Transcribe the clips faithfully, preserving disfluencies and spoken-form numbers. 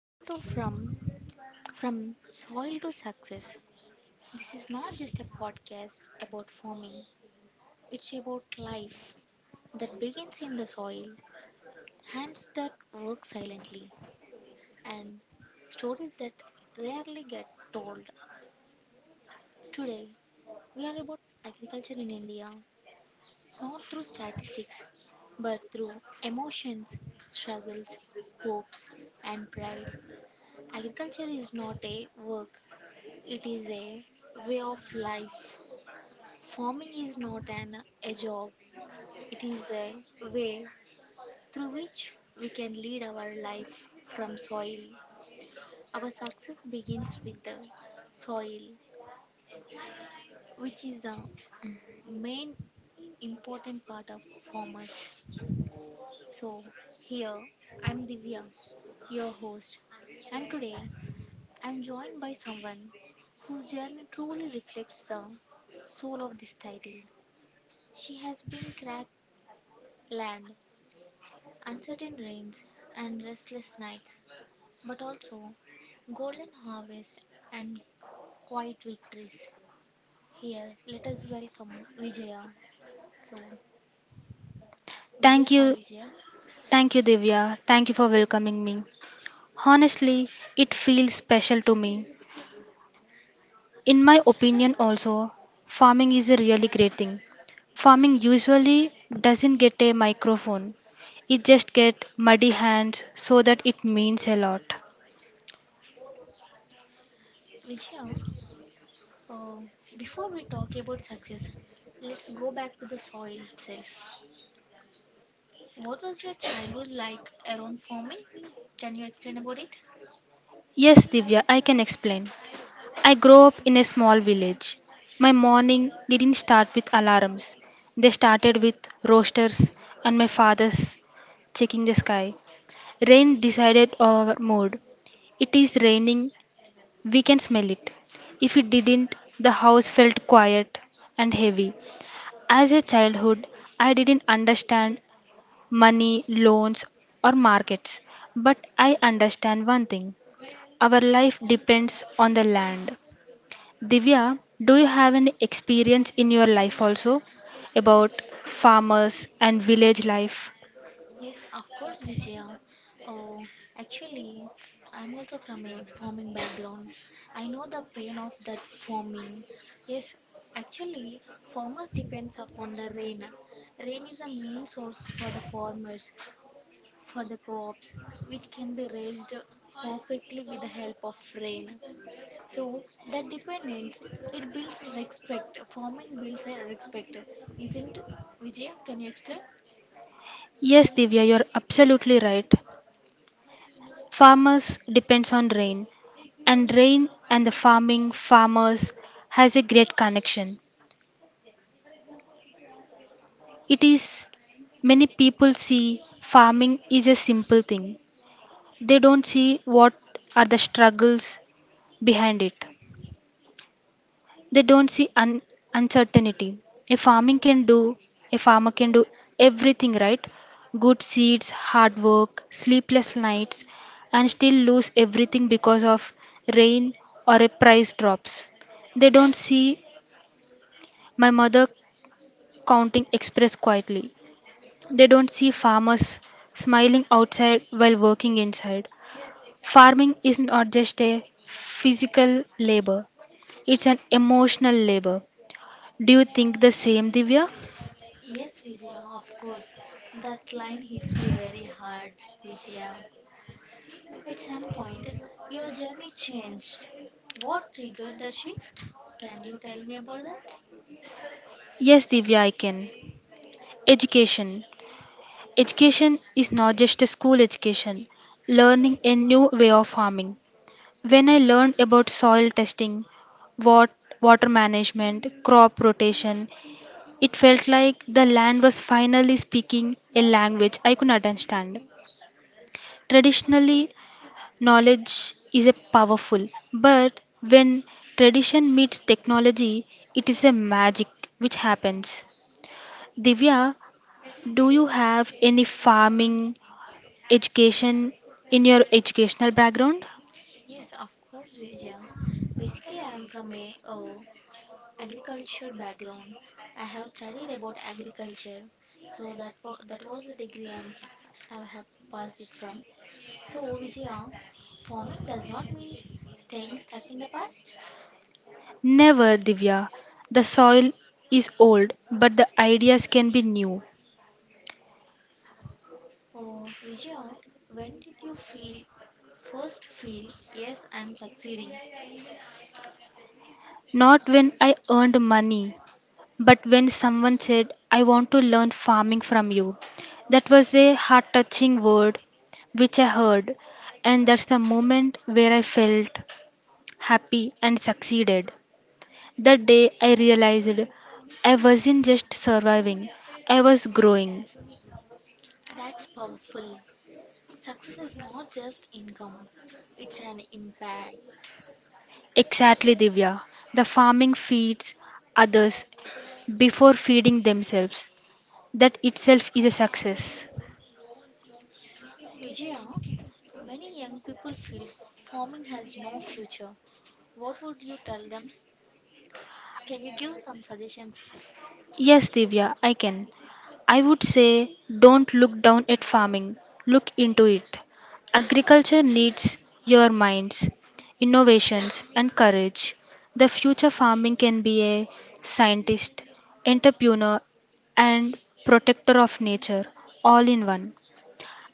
welcome to From From Soil to Success. This is not just a podcast about farming; it's about life that begins in the soil, hands that work silently, and stories that rarely get told. Today, we are about agriculture in India, not through statistics, but through emotions, struggles, hopes, and pride. Agriculture is not a work, it is a way of life. Farming is not an a job, it is a way through which we can lead our life from soil. Our success begins with the soil, which is the main important part of farmers. So here I am Divya, your host, and today I'm joined by someone whose journey truly reflects the soul of this title. She has been cracked land, uncertain rains, and restless nights, but also golden harvest and quiet victories. Here, let us welcome Vijaya. So, Vijaya, Thank hi you. Vijaya. Thank you, Divya. Thank you for welcoming me. Honestly, it feels special to me. In my opinion, also, farming is a really great thing. Farming usually doesn't get a microphone, it just gets muddy hands, so that it means a lot. Vijaya, uh, before we talk about success, let's go back to the soil itself. What was your childhood like around farming? Can you explain about it? Yes, Divya, I can explain. I grew up in a small village. My morning didn't start with alarms, they started with roasters and my father's checking the sky. Rain decided our mood. It is raining, we can smell it. If it didn't, the house felt quiet and heavy. As a childhood, I didn't understand money, loans, or markets, but I understand one thing our life depends on the land. Divya, do you have any experience in your life also about farmers and village life? Yes, of course, Vijaya. Oh, actually, I'm also from a farming background. I know the pain of that farming. Yes, actually, farmers depend on the rain. Rain is a main source for the farmers, for the crops, which can be raised perfectly with the help of rain. So that dependence it builds respect. Farming builds a respect, isn't it, Vijaya? Can you explain? Yes, Divya, you're absolutely right. Farmers depends on rain and rain and the farming farmers has a great connection. It is many people see farming is a simple thing. They don't see what are the struggles behind it. They don't see un- uncertainty. A farming can do a farmer can do everything right. Good seeds, hard work, sleepless nights, and still lose everything because of rain or a price drops. They don't see my mother counting express quietly. They don't see farmers smiling outside while working inside. Farming is not just a physical labor, it's an emotional labor. Do you think the same, Divya? Yes, Vijaya, of course. That line hits me very hard, Vijaya. At some point, your journey changed. What triggered the shift? Can you tell me about that? Yes, Divya, I can. Education. Education is not just a school education, learning a new way of farming. When I learned about soil testing, wat- water management, crop rotation, it felt like the land was finally speaking a language I could understand. Traditionally, knowledge is a powerful, but when tradition meets technology, it is a magic which happens. Divya, do you have any farming education in your educational background? Yes, of course, Vijaya. Basically, I am from a, uh agriculture background. I have studied about agriculture, so that wa- that was the degree I'm, f- I have passed it from. So Vijaya, farming does not mean staying stuck in the past. Never, Divya. The soil is old, but the ideas can be new. Oh Vijaya, when did you feel first feel yes I'm succeeding? Not when I earned money, but when someone said, I want to learn farming from you. That was a heart touching word which I heard, and that's the moment where I felt happy and succeeded. That day I realized I wasn't just surviving, I was growing. That's powerful. Success is not just income, it's an impact. Exactly, Divya. The farming feeds others before feeding themselves. That itself is a success. Vijaya, many young people feel farming has no future. What would you tell them? Can you give some suggestions? Yes, Divya, I can. I would say don't look down at farming, look into it. Agriculture needs your minds, innovations, and courage. The future farming can be a scientist, entrepreneur, and protector of nature all in one.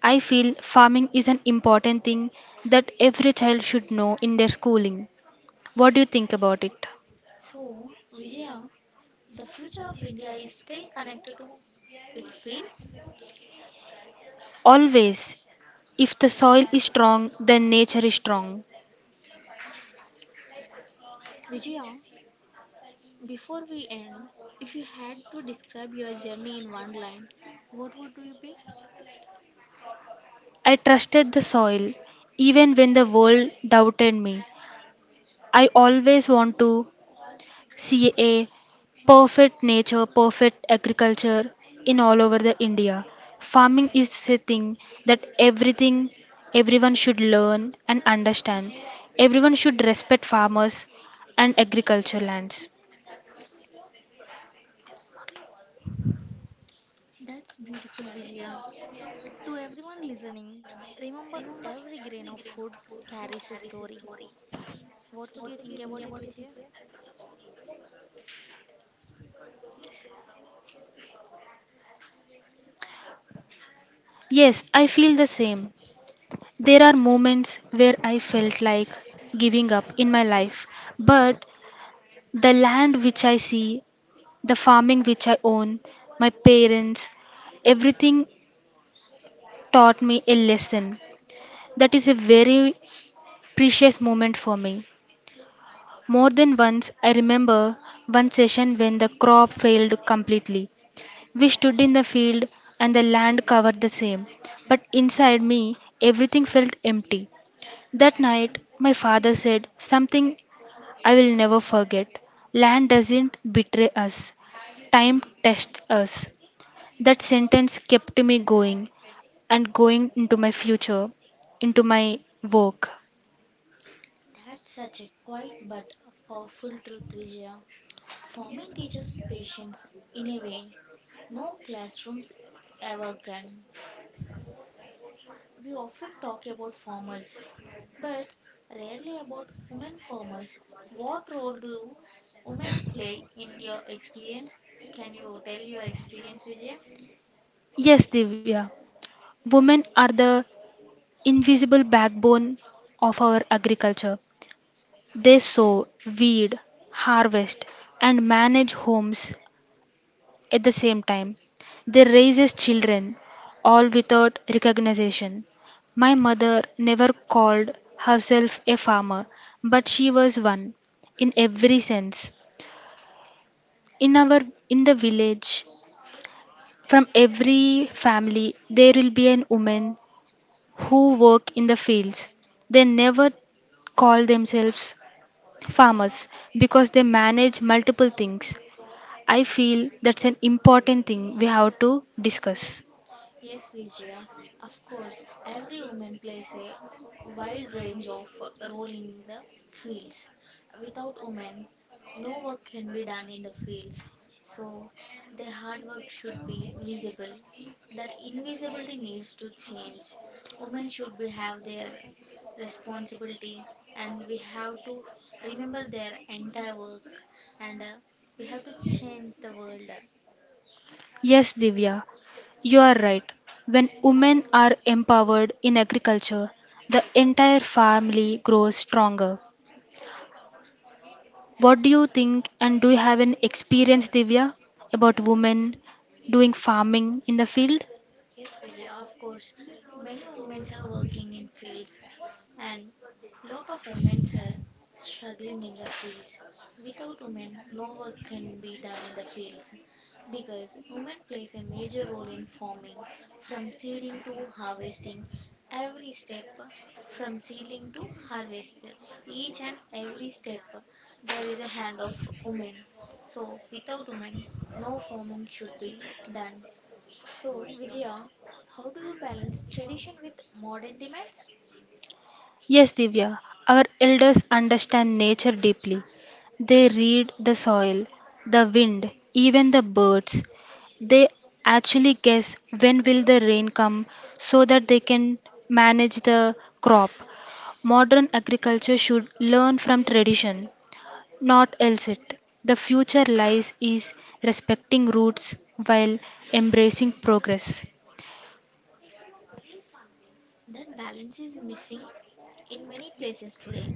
I feel farming is an important thing that every child should know in their schooling. What do you think about it? So, Vijaya, the future of India is still connected to its fields. Always. If the soil is strong, then nature is strong. Vijaya, before we end, if you had to describe your journey in one line, what would you be? I trusted the soil, even when the world doubted me. I always want to see a perfect nature, perfect agriculture in all over the India. Farming is a thing that everything everyone should learn and understand. Everyone should respect farmers and agriculture lands. That's beautiful, Vijaya. To everyone listening, remember every grain of food carries a story. What would you think about it, Vijaya? Yes, I feel the same. There are moments where I felt like giving up in my life, but the land which I see, the farming which I own, my parents, everything taught me a lesson. That is a very precious moment for me. More than once, I remember one session when the crop failed completely. We stood in the field and the land covered the same, but inside me, everything felt empty. That night, my father said something I will never forget. Land doesn't betray us, time tests us. That sentence kept me going and going into my future, into my work. That's such a quiet but powerful truth, Vijaya. Farming teaches patience in a way no classrooms ever can. We often talk about farmers, but rarely about women farmers. What role do women play in your experience? Can you tell your experience, Vijaya? Yes, Divya, women are the invisible backbone of our agriculture. They sow, weed, harvest, and manage homes. At the same time, they raise children all without recognition. My mother never called herself a farmer, but she was one in every sense. In our in the village, from every family there will be an woman who work in the fields. They never call themselves farmers because they manage multiple things. I feel that's an important thing we have to discuss. Yes, Vijaya, of course, every woman plays a wide range of uh, role in the fields. Without women, no work can be done in the fields. So, their hard work should be visible. That invisibility needs to change. Women should be have their responsibility, and we have to remember their entire work, and uh, we have to change the world. Yes, Divya, you are right. When women are empowered in agriculture, the entire family grows stronger. What do you think, and do you have an experience, Divya, about women doing Yes, farming in the field? Yeah, of course, many women are working in fields, and lot of women are struggling in the fields. Without women, no work can be done in the fields because women plays a major role in farming, from seeding to harvesting. Every step, from seeding to harvest, each and every step, there is a hand of women. So without women, no farming should be done. So, Vijaya, how do you balance tradition with modern demands? Yes, Divya, our elders understand nature deeply. They read the soil, the wind, even the birds. They actually guess when will the rain come so that they can manage the crop. Modern agriculture should learn from tradition, not else it. The future lies is respecting roots while embracing progress. That balance is missing in many places today.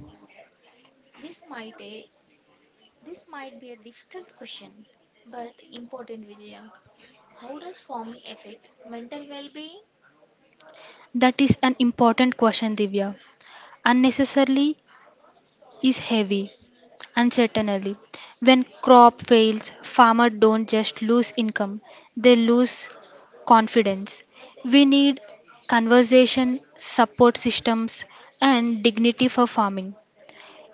This might a this might be a difficult question, but important, Vijaya. How does farming affect mental well-being? That is an important question, Divya. Unnecessarily is heavy, uncertainly. When crop fails, farmer don't just lose income, they lose confidence. We need conversation, support systems and dignity for farming.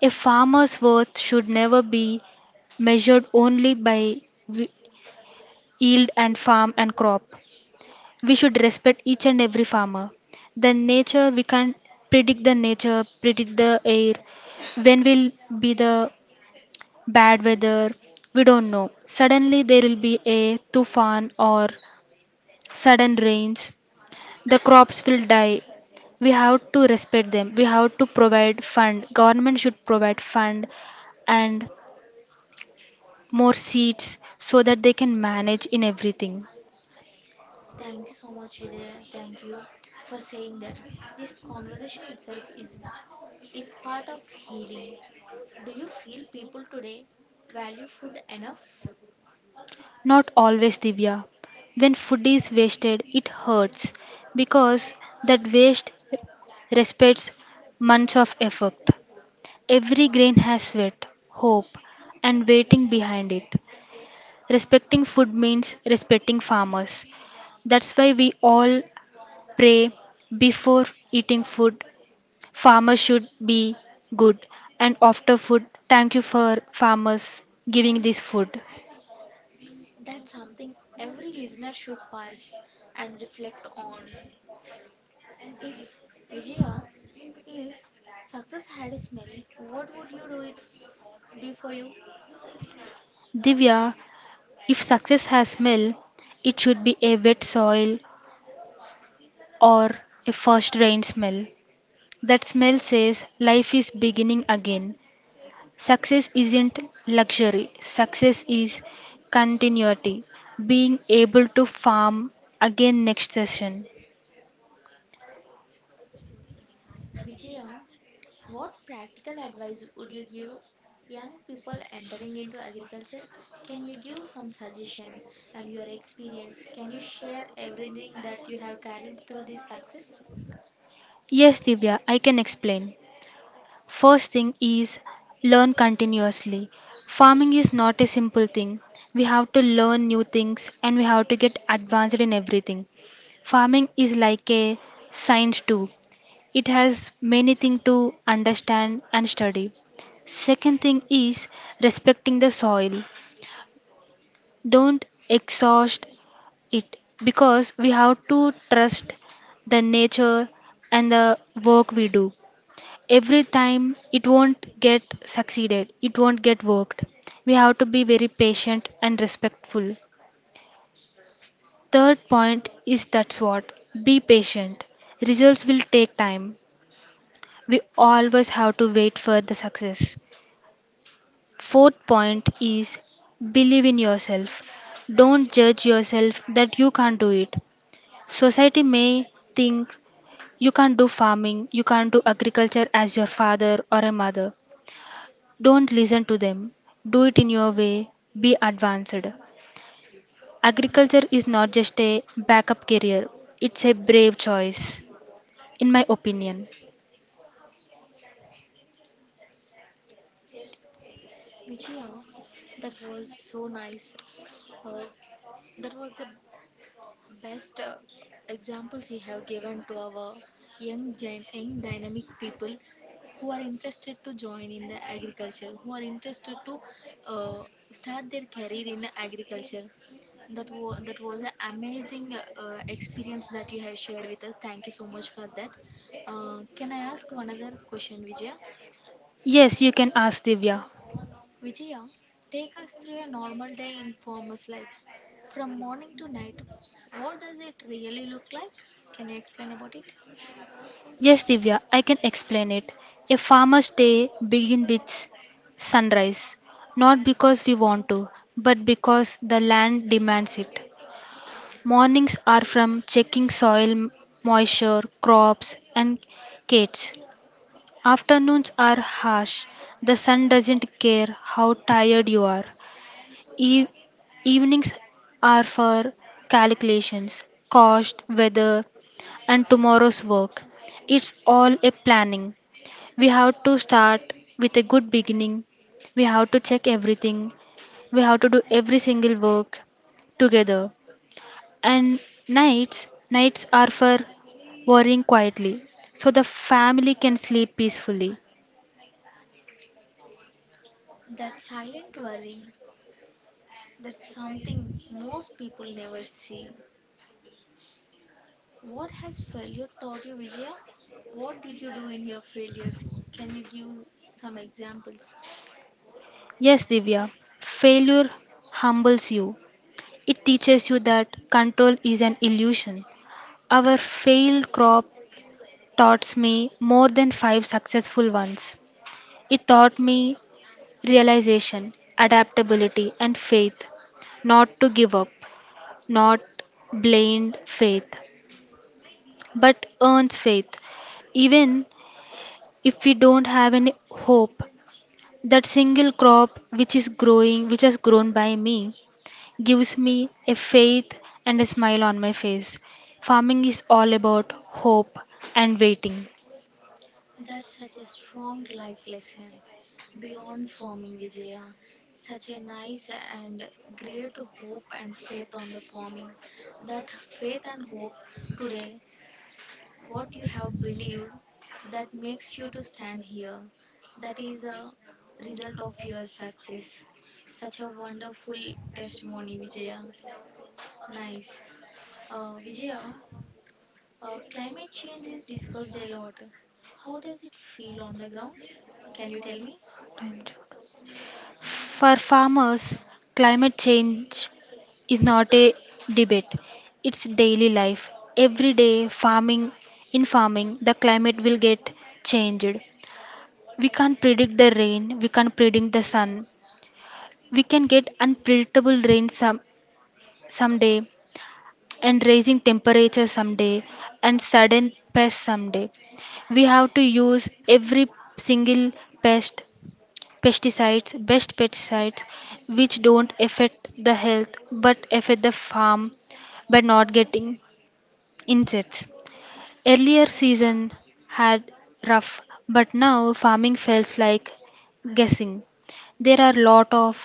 A farmer's worth should never be measured only by w- yield and farm and crop. We should respect each and every farmer. The nature, we can't predict the nature, predict the air, when will be the bad weather, we don't know. Suddenly there will be a tufan or sudden rains. The crops will die. We have to respect them. We have to provide fund. Government should provide fund and more seats so that they can manage in everything. Thank you so much, Vijaya. Thank you for saying that. This conversation itself is is part of healing. Do you feel people today value food enough? Not always, Divya. When food is wasted, it hurts because that waste respects months of effort. Every grain has sweat, hope, and waiting behind it. Respecting food means respecting farmers. That's why we all pray before eating food. Farmers should be good and offer food. Thank you for farmers giving this food. That's something every listener should pause and reflect on. If Vijaya, if success had a smell, what would you do it f- be for you? Divya, if success has smell, it should be a wet soil or a first rain smell. That smell says life is beginning again. Success isn't luxury, success is continuity, being able to farm again next session. Vijaya, what practical advice would you give young people entering into agriculture? Can you give some suggestions and your experience? Can you share everything that you have carried through this success? Yes, Divya, I can explain. First thing is learn continuously. Farming is not a simple thing. We have to learn new things and we have to get advanced in everything. Farming is like a science too. It has many things to understand and study. Second thing is respecting the soil. Don't exhaust it because we have to trust the nature and the work we do, every time it won't get succeeded, it won't get worked. We have to be very patient and respectful. Third point is that's what, be patient, results will take time. We always have to wait for the success. Fourth point is believe in yourself. Don't judge yourself that you can't do it. Society may think you can't do farming, you can't do agriculture as your father or a mother. Don't listen to them. Do it in your way. Be advanced. Agriculture is not just a backup career, it's a brave choice, in my opinion. Vijaya, that was so nice. Uh, that was a best uh, examples you have given to our young, gen- young dynamic people who are interested to join in the agriculture, who are interested to uh, start their career in agriculture. That, wa- that was an amazing uh, uh, experience that you have shared with us. Thank you so much for that. Uh, can I ask one other question, Vijay? Yes, you can ask Divya. Vijaya, take us through a normal day in farmer's life. From morning to night, what does it really look like? Can you explain about it? Yes, Divya, I can explain it. A farmer's day begins with sunrise, not because we want to, but because the land demands it. Mornings are from checking soil moisture, crops, and gates. Afternoons are harsh. The sun doesn't care how tired you are. E- Evenings are for calculations, cost, weather, and tomorrow's work. It's all a planning. We have to start with a good beginning. We have to check everything. We have to do every single work together. And nights, nights are for worrying quietly so the family can sleep peacefully. That silent worrying, that's something most people never see. What has failure taught you, Vijaya? What did you do in your failures? Can you give some examples? Yes, Divya, failure humbles you. It teaches you that control is an illusion. Our failed crop taught me more than five successful ones. It taught me realization, adaptability, and faith. Not to give up, not blind faith, but earns faith. Even if we don't have any hope, that single crop which is growing, which has grown by me, gives me a faith and a smile on my face. Farming is all about hope and waiting. That's such a strong life lesson beyond farming, Vijaya. Such a nice and great hope and faith on the farming. That faith and hope today, what you have believed, that makes you to stand here. That is a result of your success. Such a wonderful testimony, Vijaya. Nice. Uh, Vijaya, uh, climate change is discussed a lot. How does it feel on the ground? Can you tell me? For farmers, climate change is not a debate, it's daily life. Every day, farming in farming, the climate will get changed. We can't predict the rain, we can't predict the sun. We can get unpredictable rain some someday and raising temperature someday and sudden pests someday. We have to use every single pest pesticides, best pesticides which don't affect the health but affect the farm by not getting insects. Earlier season had rough but now farming feels like guessing. There are lot of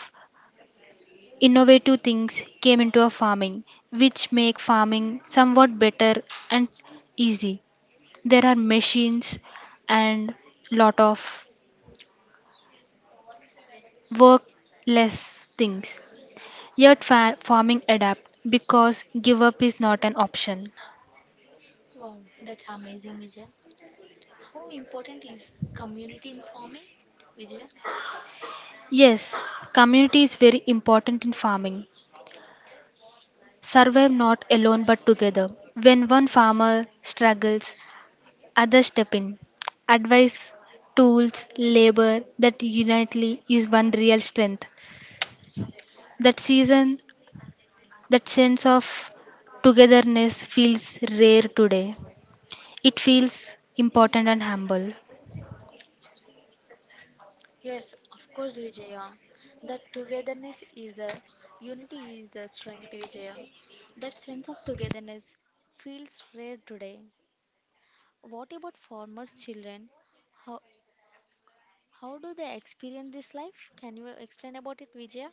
innovative things came into our farming which make farming somewhat better and easy. There are machines and lot of work less things, yet fa- farming adapt because give up is not an option. Wow, that's amazing, Vijay. How important is community in farming, Vijay? Yes, community is very important in farming, survive not alone but together. When one farmer struggles, others step in. Advice, tools, labor, that unitely is one real strength. That season, that sense of togetherness feels rare today. It feels important and humble. Yes, of course, Vijaya. That togetherness is a unity is the strength, Vijaya. That sense of togetherness feels rare today. What about farmers' children? How how do they experience this life? Can you explain about it, Vijaya?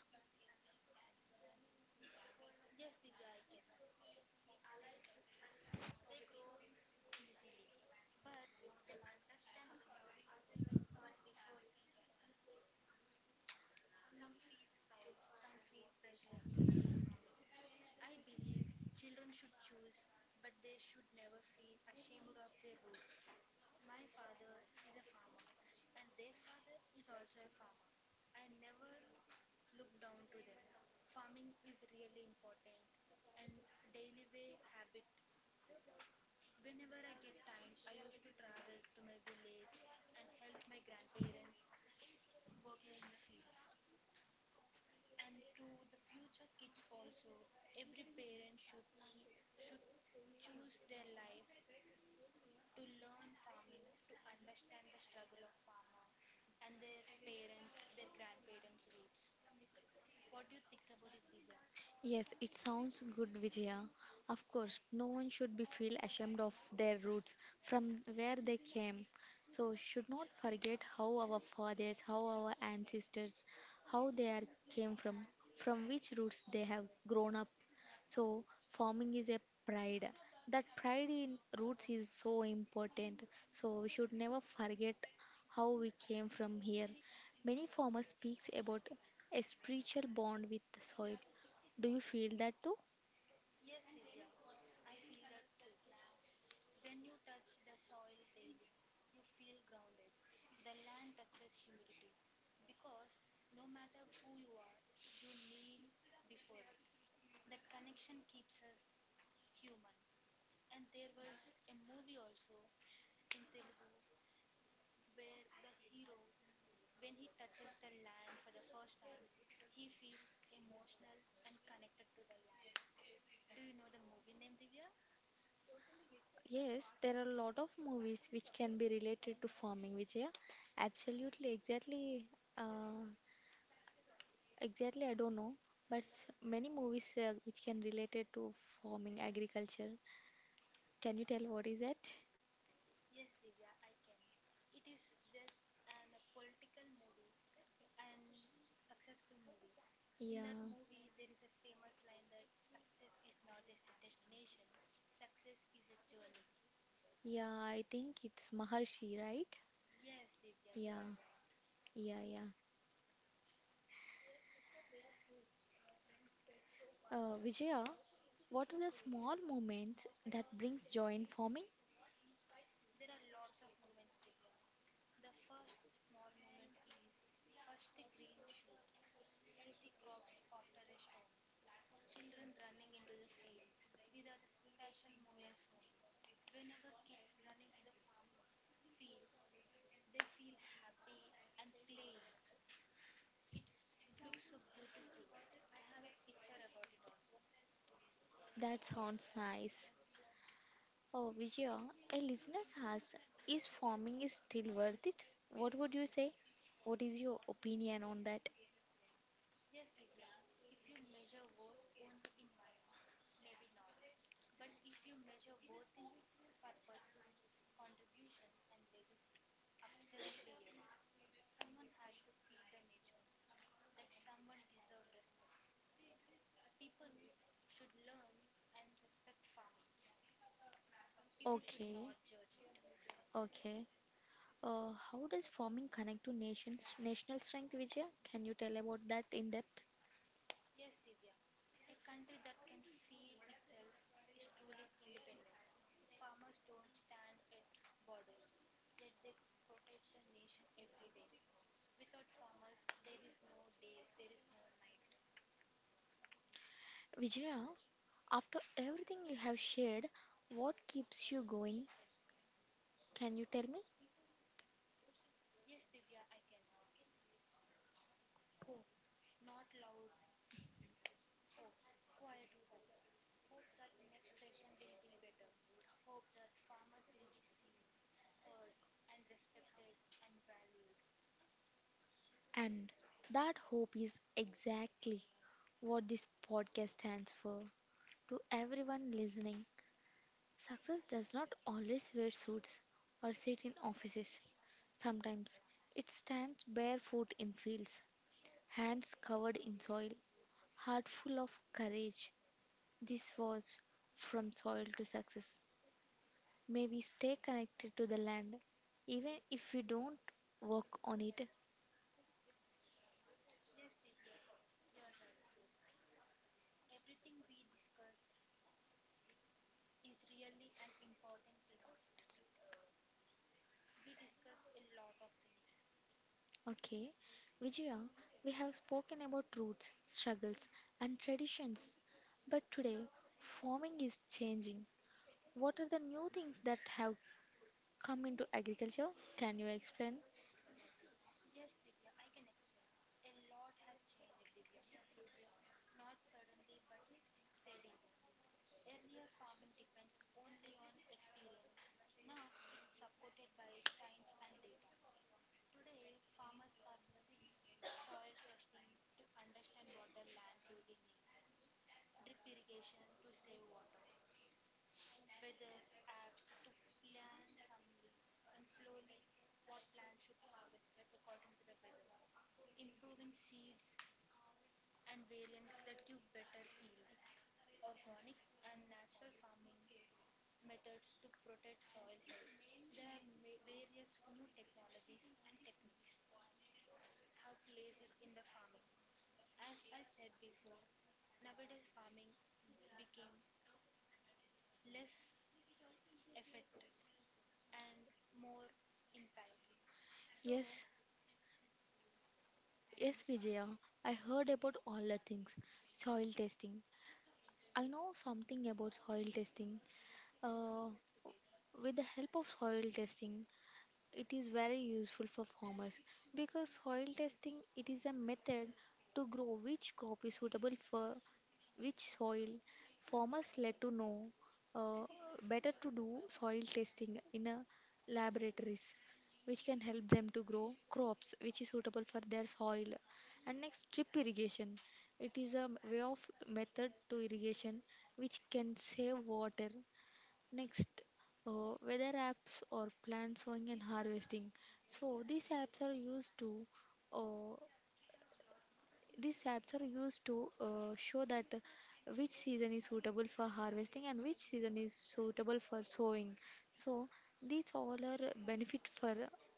Yes, it sounds good, Vijaya. Of course, no one should be feel ashamed of their roots from where they came. So should not forget how our fathers, how our ancestors, how they are came from, from which roots they have grown up. So farming is a pride. That pride in roots is so important. So we should never forget how we came from here. Many farmers speaks about a spiritual bond with the soil. Do you feel that too? Yes, there are a lot of movies which can be related to farming, Vijaya. Absolutely, exactly, uh, exactly. I don't know, but s- many movies uh, which can related to farming, agriculture. Can you tell what is that? Yeah. Yeah, I think it's Maharshi, right? Yeah, yeah, yeah. Uh, Vijaya, what are the small moments that brings joy in farming? That sounds nice. Oh, Vijaya, a listener asks, is farming is still worth it? What would you say? What is your opinion on that? Okay, okay. Uh, how does farming connect to nation's national strength, Vijaya? Can you tell about that in depth? Vijaya, after everything you have shared, what keeps you going? Can you tell me? And that hope is exactly what this podcast stands for. To everyone listening, success does not always wear suits or sit in offices. Sometimes it stands barefoot in fields, hands covered in soil, heart full of courage. This was From Soil to Success. May we stay connected to the land even if we don't work on it. Okay, Vijaya, we have spoken about roots, struggles, and traditions, but today farming is changing. What are the new things that have come into agriculture? Can you explain? Yes, yes, Vijaya. I heard about all the things. Soil testing. I know something about soil testing. Uh, with the help of soil testing, it is very useful for farmers because soil testing it is a method to grow which crop is suitable for which soil farmers let to know uh, better to do soil testing in a laboratories which can help them to grow crops which is suitable for their soil and next drip irrigation it is a way of method to irrigation which can save water. Next, uh, weather apps or plant sowing and harvesting. So these apps are used to uh, these apps are used to uh, show that uh, which season is suitable for harvesting and which season is suitable for sowing. So these all are benefit for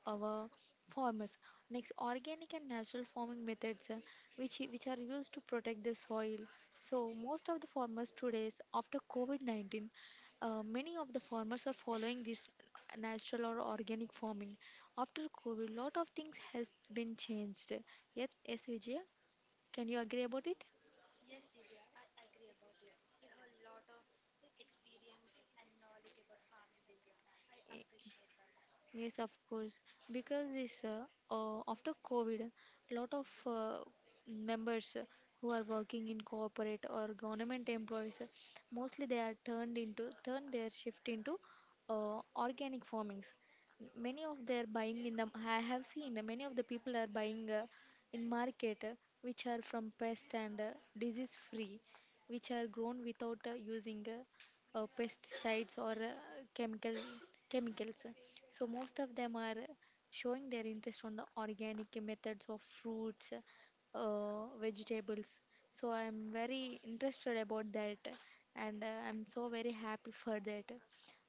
our farmers. Next, organic and natural farming methods, uh, which i- which are used to protect the soil. So most of the farmers today, after COVID nineteen, uh, many of the farmers are following this natural or organic farming. After COVID, lot of things has been changed. Yes, yes, Vijaya. Can you agree about it? Yes, of course. Because this uh, uh, after COVID, lot of uh, members uh, who are working in corporate or government employees, uh, mostly they are turned into turn their shift into uh, organic farmings. Many of their buying in the I have seen uh, many of the people are buying uh, in market uh, which are from pest and uh, disease free, which are grown without uh, using uh, uh, pesticides or uh, chemical chemicals. So most of them are showing their interest on the organic methods of fruits, uh, vegetables. So I'm very interested about that, and uh, I'm so very happy for that.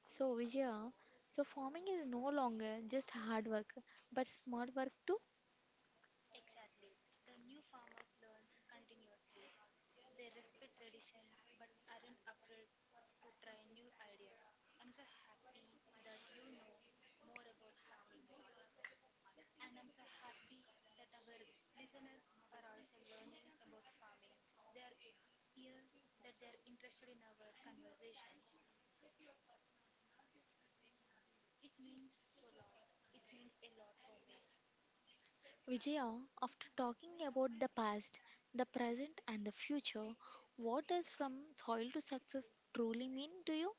So Vijaya, so farming is no longer just hard work, but smart work too. Vijaya, after talking about the past, the present, and the future, what does from soil to success truly mean to you?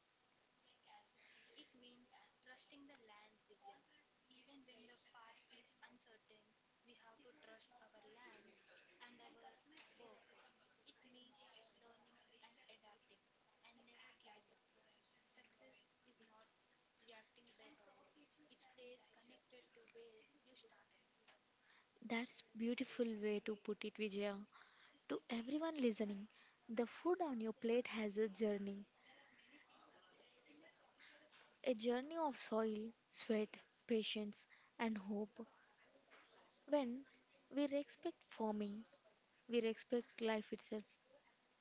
That's beautiful way to put it, Vijaya. To everyone listening, the food on your plate has a journey, a journey of soil, sweat, patience, and hope. When we respect farming, we respect life itself.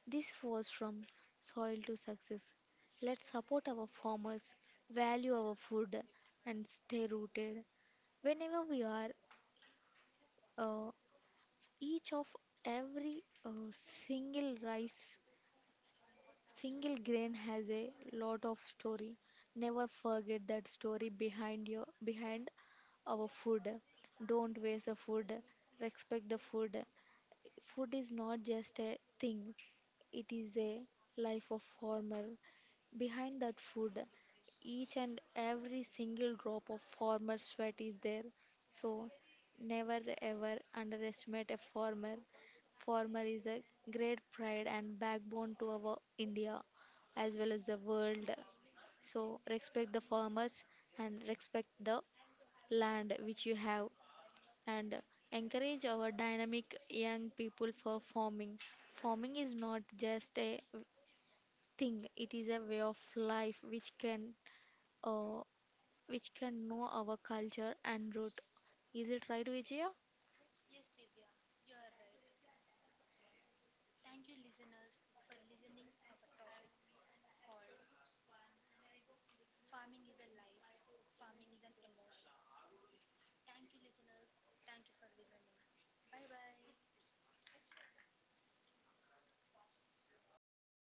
This was from soil to success. Let's support our farmers, value our food, and stay rooted. Whenever we are, uh, each of every uh, single rice, single grain has a lot of story. Never forget that story behind your behind our food. Don't waste the food. Respect the food. Food is not just a thing, it is a life of farmer behind that food, each and every single drop of farmer sweat is there. So never ever underestimate a farmer. Farmer is a great pride and backbone to our India as well as the world. So respect the farmers and respect the land which you have, and encourage our dynamic young people for farming. Farming is not just a thing, it is a way of life which can uh, which can know our culture and root. Is it right, Vijaya?